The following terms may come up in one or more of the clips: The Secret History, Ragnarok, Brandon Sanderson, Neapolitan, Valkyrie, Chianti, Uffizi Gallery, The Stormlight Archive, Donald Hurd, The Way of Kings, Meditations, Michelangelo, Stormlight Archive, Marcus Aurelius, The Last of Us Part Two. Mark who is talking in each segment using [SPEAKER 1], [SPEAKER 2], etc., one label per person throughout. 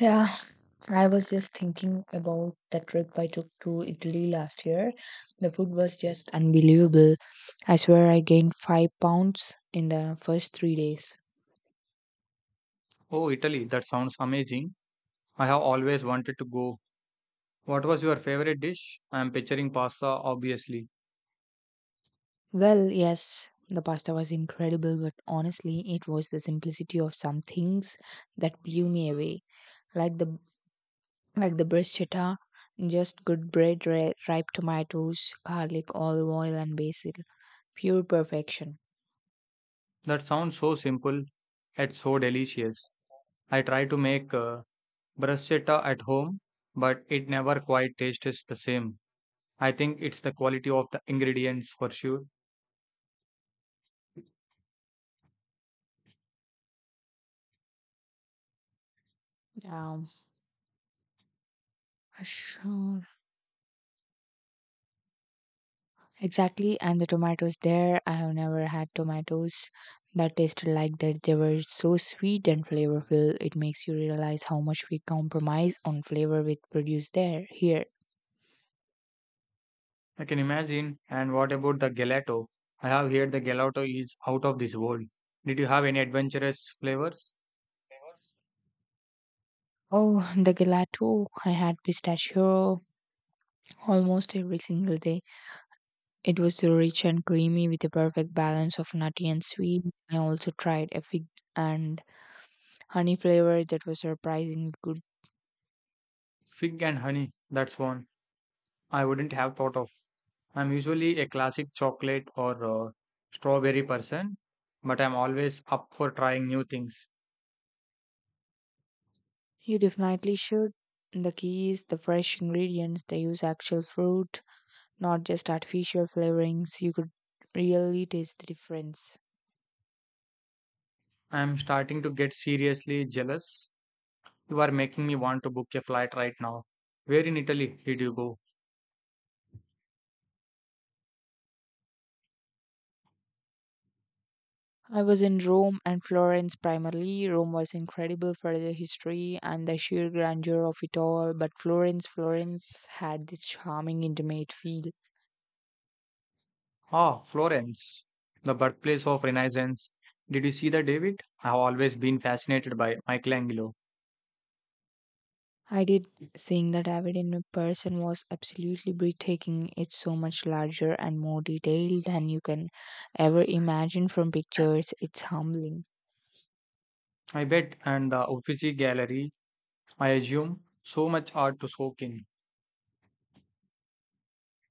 [SPEAKER 1] Yeah, I was just thinking about the trip I took to Italy last year. The food was just unbelievable. I swear I gained 5 pounds in the first 3 days.
[SPEAKER 2] Oh, Italy, that sounds amazing. I have always wanted to go. What was your favorite dish? I am picturing pasta, obviously.
[SPEAKER 1] Well, yes, the pasta was incredible, but honestly, it was the simplicity of some things that blew me away. Like the like the bruschetta, just good bread, ripe tomatoes, garlic, olive oil, and basil. Pure perfection.
[SPEAKER 2] That sounds so simple yet so delicious. I try to make bruschetta at home, but it never quite tastes the same. I think it's the quality of the ingredients for sure.
[SPEAKER 1] Um, sure. Exactly, and the tomatoes there, I have never had tomatoes that tasted like that. They were so sweet and flavorful. It makes you realize how much we compromise on flavor with produce there, here.
[SPEAKER 2] I can imagine. And what about the gelato? I have heard the gelato is out of this world. Did you have any adventurous flavors?
[SPEAKER 1] Oh, the gelato. I had pistachio almost every single day. It was so rich and creamy with a perfect balance of nutty and sweet. I also tried a fig and honey flavor that was surprisingly good.
[SPEAKER 2] Fig and honey, that's one I wouldn't have thought of. I'm usually a classic chocolate or strawberry person, but I'm always up for trying new things.
[SPEAKER 1] You definitely should. The key is the fresh ingredients. They use actual fruit, not just artificial flavorings. You could really taste the difference.
[SPEAKER 2] I'm starting to get seriously jealous. You are making me want to book a flight right now. Where in Italy did you go?
[SPEAKER 1] I was in Rome and Florence primarily. Rome was incredible for the history and the sheer grandeur of it all, but Florence had this charming intimate feel.
[SPEAKER 2] Ah, Florence, the birthplace of Renaissance. Did you see that, David? I've always been fascinated by Michelangelo.
[SPEAKER 1] I did. Seeing the David in person was absolutely breathtaking. It's so much larger and more detailed than you can ever imagine from pictures. It's humbling.
[SPEAKER 2] I bet, and the Uffizi Gallery, I assume, so much art to soak in.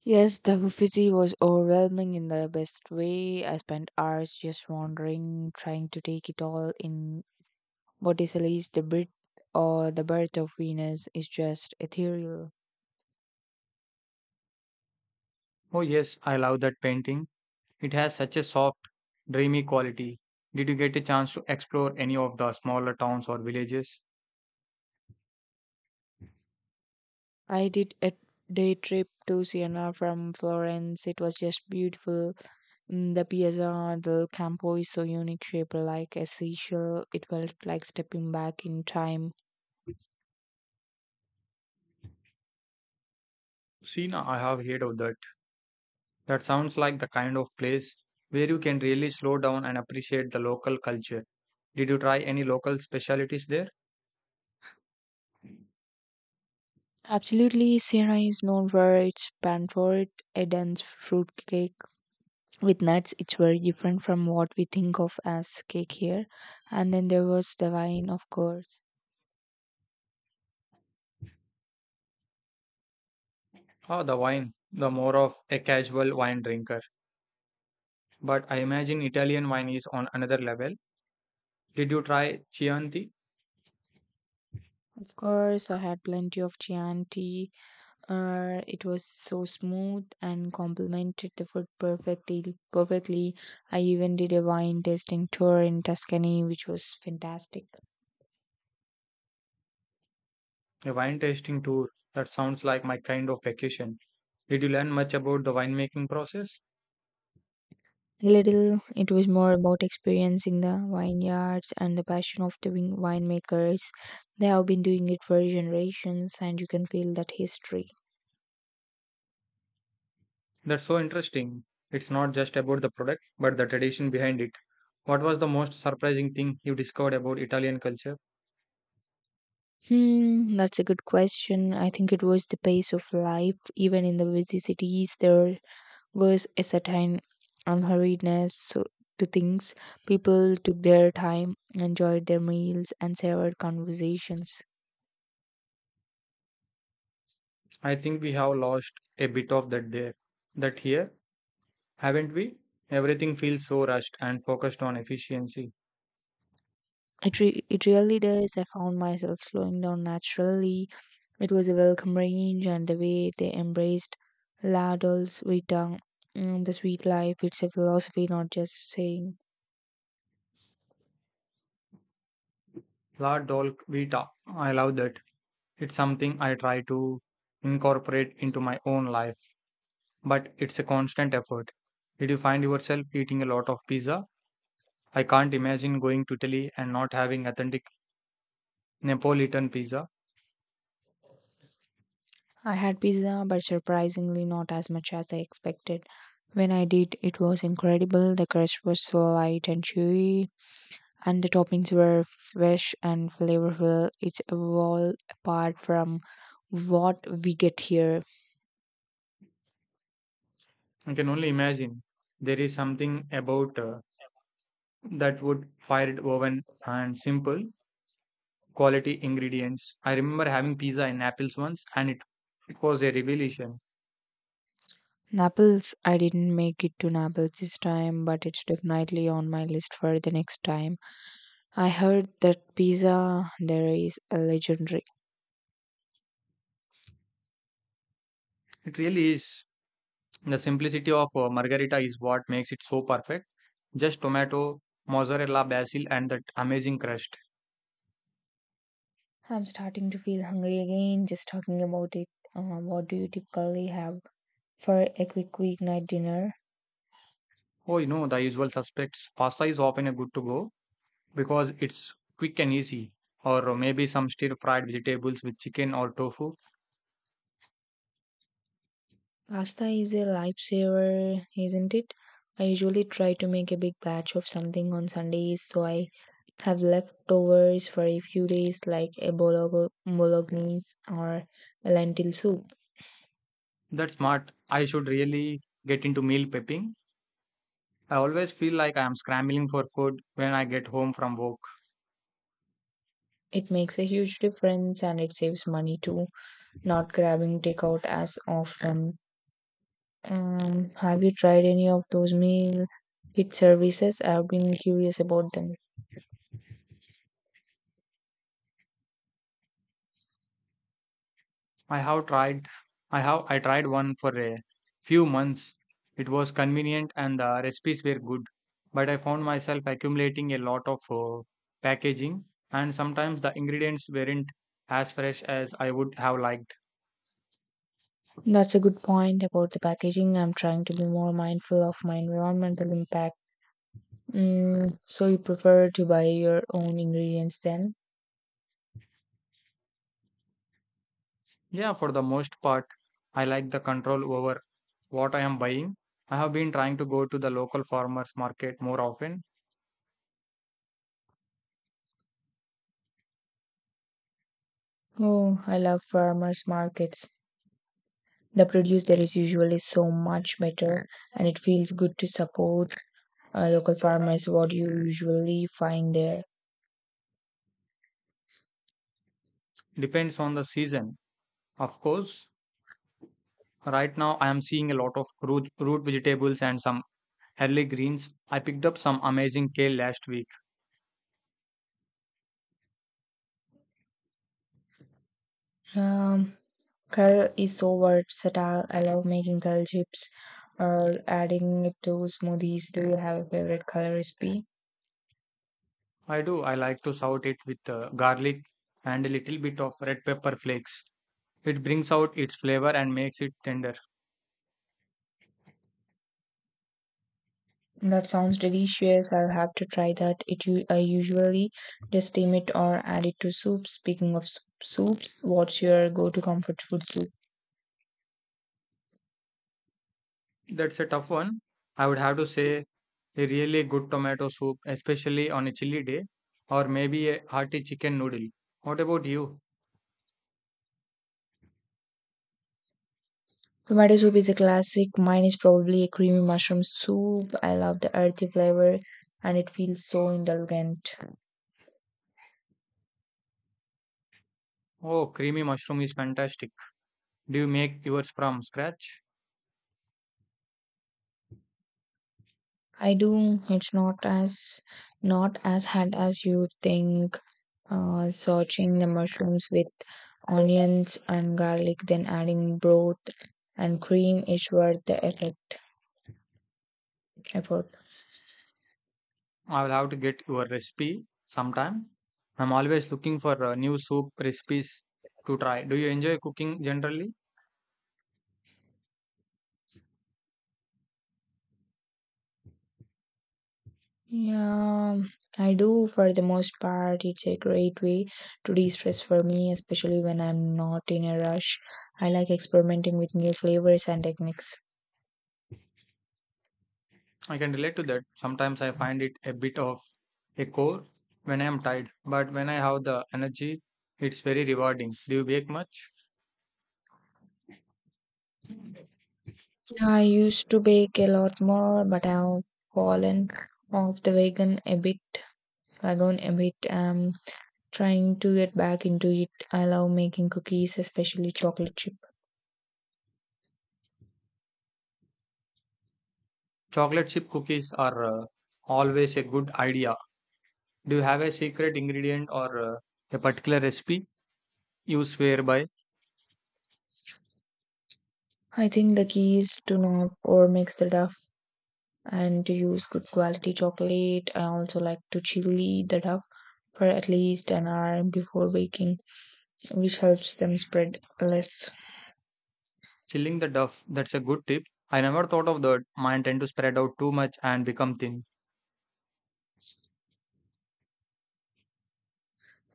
[SPEAKER 1] Yes, the Uffizi was overwhelming in the best way. I spent hours just wandering, trying to take it all in. Botticelli's The Birth of Venus is just ethereal.
[SPEAKER 2] Oh, yes, I love that painting. It has such a soft, dreamy quality. Did you get a chance to explore any of the smaller towns or villages?
[SPEAKER 1] I did a day trip to Siena from Florence. It was just beautiful. Mm, the piazza del campo is so unique, shaped like a seashell. It felt like stepping back in time.
[SPEAKER 2] Sina, I have heard of that. That sounds like the kind of place where you can really slow down and appreciate the local culture. Did you try any local specialities there?
[SPEAKER 1] Absolutely, Sierra is known for its pan for it, a dense fruit cake with nuts. It's very different from what we think of as cake here. And then there was the wine, of course.
[SPEAKER 2] Ah, the wine. The more of a casual wine drinker. But I imagine Italian wine is on another level. Did you try Chianti?
[SPEAKER 1] Of course, I had plenty of Chianti. It was so smooth and complemented the food perfectly. I even did a wine tasting tour in Tuscany, which was fantastic.
[SPEAKER 2] A wine tasting tour. That sounds like my kind of vacation. Did you learn much about the winemaking process?
[SPEAKER 1] A little, it was more about experiencing the vineyards and the passion of the winemakers. They have been doing it for generations, and you can feel that history.
[SPEAKER 2] That's so interesting. It's not just about the product, but the tradition behind it. What was the most surprising thing you discovered about Italian culture?
[SPEAKER 1] Hmm, that's a good question. I think it was the pace of life, even in the busy cities. There was a certain unhurriedness to things. People took their time, enjoyed their meals, and savored conversations.
[SPEAKER 2] I think we have lost a bit of that there. That here, haven't we? Everything feels so rushed and focused on efficiency.
[SPEAKER 1] It really does. I found myself slowing down naturally. It was a welcome range, and the way they embraced la dolce vita, mm, the sweet life, it's a philosophy, not just saying.
[SPEAKER 2] La dolce Vita. I love that. It's something I try to incorporate into my own life, but it's a constant effort. Did you find yourself eating a lot of pizza? I can't imagine going to Italy and not having authentic Neapolitan pizza.
[SPEAKER 1] I had pizza, but surprisingly, not as much as I expected. When I did, it was incredible. The crust was so light and chewy, and the toppings were fresh and flavorful. It's a wall apart from what we get here.
[SPEAKER 2] I can only imagine there is something about that wood fired oven and simple quality ingredients. I remember having pizza in Naples once and it was a revelation.
[SPEAKER 1] Naples, I didn't make it to Naples this time, but it's definitely on my list for the next time. I heard that pizza there is a legendary.
[SPEAKER 2] It really is. The simplicity of margarita is what makes it so perfect. Just tomato, mozzarella, basil, and that amazing crust.
[SPEAKER 1] I'm starting to feel hungry again just talking about it. What do you typically have for a quick weeknight dinner?
[SPEAKER 2] Oh, you know, the usual suspects. Pasta is often a good to go because it's quick and easy, or maybe some stir fried vegetables with chicken or tofu.
[SPEAKER 1] Pasta is a lifesaver, isn't it? I usually try to make a big batch of something on Sundays so I have leftovers for a few days, like a bolognese or a lentil soup.
[SPEAKER 2] That's smart. I should really get into meal prepping. I always feel like I am scrambling for food when I get home from work.
[SPEAKER 1] It makes a huge difference and it saves money too, not grabbing takeout as often. Have you tried any of those meal kit services? I've been curious about them.
[SPEAKER 2] I have tried I have I tried one for a few months. It was convenient and the recipes were good, but I found myself accumulating a lot of packaging and sometimes the ingredients weren't as fresh as I would have liked.
[SPEAKER 1] That's a good point about the packaging. I'm trying to be more mindful of my environmental impact. Mm, so you prefer to buy your own ingredients then?
[SPEAKER 2] Yeah, for the most part, I like the control over what I am buying. I have been trying to go to the local farmers market more often.
[SPEAKER 1] Oh, I love farmers markets. The produce there is usually so much better, and it feels good to support local farmers. What do you usually find there?
[SPEAKER 2] Depends on the season, of course. Right now, I am seeing a lot of root vegetables and some early greens. I picked up some amazing kale last week.
[SPEAKER 1] Um, curl is so versatile. I love making curl chips or adding it to smoothies. Do you have a favorite color recipe?
[SPEAKER 2] I do. I like to saute it with garlic and a little bit of red pepper flakes. It brings out its flavor and makes it tender.
[SPEAKER 1] That sounds delicious. I'll have to try that. I usually just steam it or add it to soup. Speaking of soups, what's your go-to comfort food soup?
[SPEAKER 2] That's a tough one. I would have to say a really good tomato soup, especially on a chilly day, or maybe a hearty chicken noodle. What about you?
[SPEAKER 1] Tomato soup is a classic. Mine is probably a creamy mushroom soup. I love the earthy flavor and it feels so indulgent.
[SPEAKER 2] Oh, creamy mushroom is fantastic. Do you make yours from scratch?
[SPEAKER 1] I do. It's not as hard as you think. Sauteing the mushrooms with onions and garlic, then adding broth and cream is worth the effort.
[SPEAKER 2] I will have to get your recipe sometime. I'm always looking for new soup recipes to try. Do you enjoy cooking generally?
[SPEAKER 1] Yeah, I do for the most part. It's a great way to de stress for me, especially when I'm not in a rush. I like experimenting with new flavors and techniques.
[SPEAKER 2] I can relate to that. Sometimes I find it a bit of a chore when I am tired, but when I have the energy, it's very rewarding. Do you bake much?
[SPEAKER 1] Yeah, I used to bake a lot more, but I've fallen off the wagon a bit. I'm trying to get back into it. I love making cookies, especially chocolate chip.
[SPEAKER 2] Chocolate chip cookies are always a good idea. Do you have a secret ingredient or a particular recipe you swear by?
[SPEAKER 1] I think the key is to not overmix the dough and to use good quality chocolate. I also like to chili the dough for at least an hour before baking, which helps them spread less.
[SPEAKER 2] Chilling the dough, that's a good tip. I never thought of that. Mine tend to spread out too much and become thin.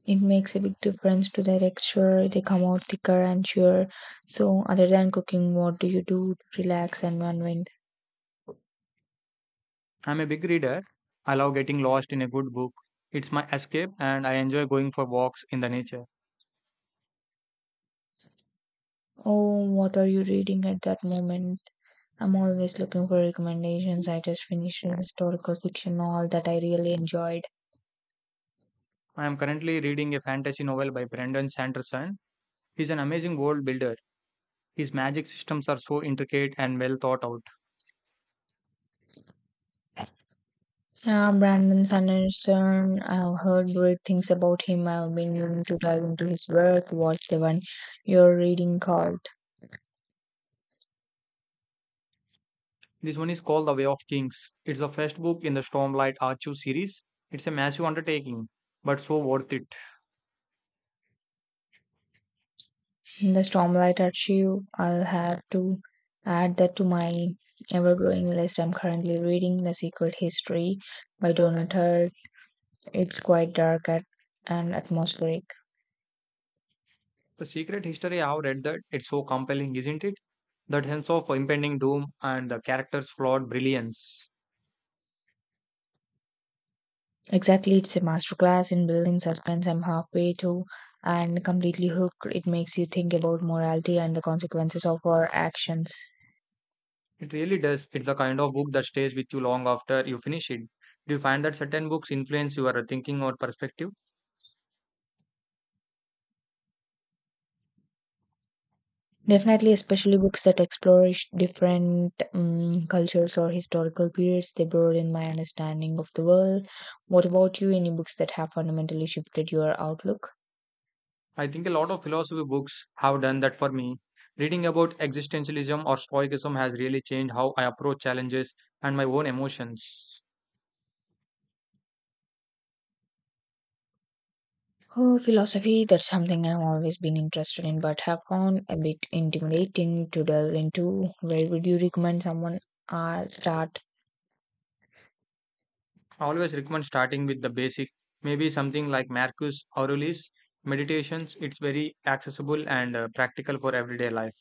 [SPEAKER 1] It makes a big difference to their texture. They come out thicker and chewer. So, other than cooking, what do you do to relax and unwind?
[SPEAKER 2] I'm a big reader. I love getting lost in a good book. It's my escape and I enjoy going for walks in the nature.
[SPEAKER 1] Oh, what are you reading at that moment? I'm always looking for recommendations. I just finished a historical fiction novel that I really enjoyed.
[SPEAKER 2] I am currently reading a fantasy novel by Brandon Sanderson. He's an amazing world builder. His magic systems are so intricate and well thought out.
[SPEAKER 1] Yeah, Brandon Sanderson. I've heard great things about him. I've been meaning to dive into his work. What's the one you're reading called?
[SPEAKER 2] This one is called The Way of Kings. It's the first book in the Stormlight Archive series. It's a massive undertaking, but so worth it.
[SPEAKER 1] The Stormlight Archive. I'll have to add that to my ever-growing list. I'm currently reading The Secret History by Donald Hurd. It's quite dark at, and atmospheric.
[SPEAKER 2] The Secret History, I have read that. It's so compelling, isn't it? That sense of impending doom and the character's flawed brilliance.
[SPEAKER 1] Exactly, it's a masterclass in building suspense. I'm halfway through and completely hooked. It makes you think about morality and the consequences of our actions.
[SPEAKER 2] It really does. It's the kind of book that stays with you long after you finish it. Do you find that certain books influence your thinking or perspective?
[SPEAKER 1] Definitely, especially books that explore different cultures or historical periods, they broaden my understanding of the world. What about you? Any books that have fundamentally shifted your outlook?
[SPEAKER 2] I think a lot of philosophy books have done that for me. Reading about existentialism or stoicism has really changed how I approach challenges and my own emotions.
[SPEAKER 1] Oh, philosophy, that's something I've always been interested in but have found a bit intimidating to delve into. Where would you recommend someone start?
[SPEAKER 2] I always recommend starting with the basic, maybe something like Marcus Aurelius' Meditations. It's very accessible and practical for everyday life.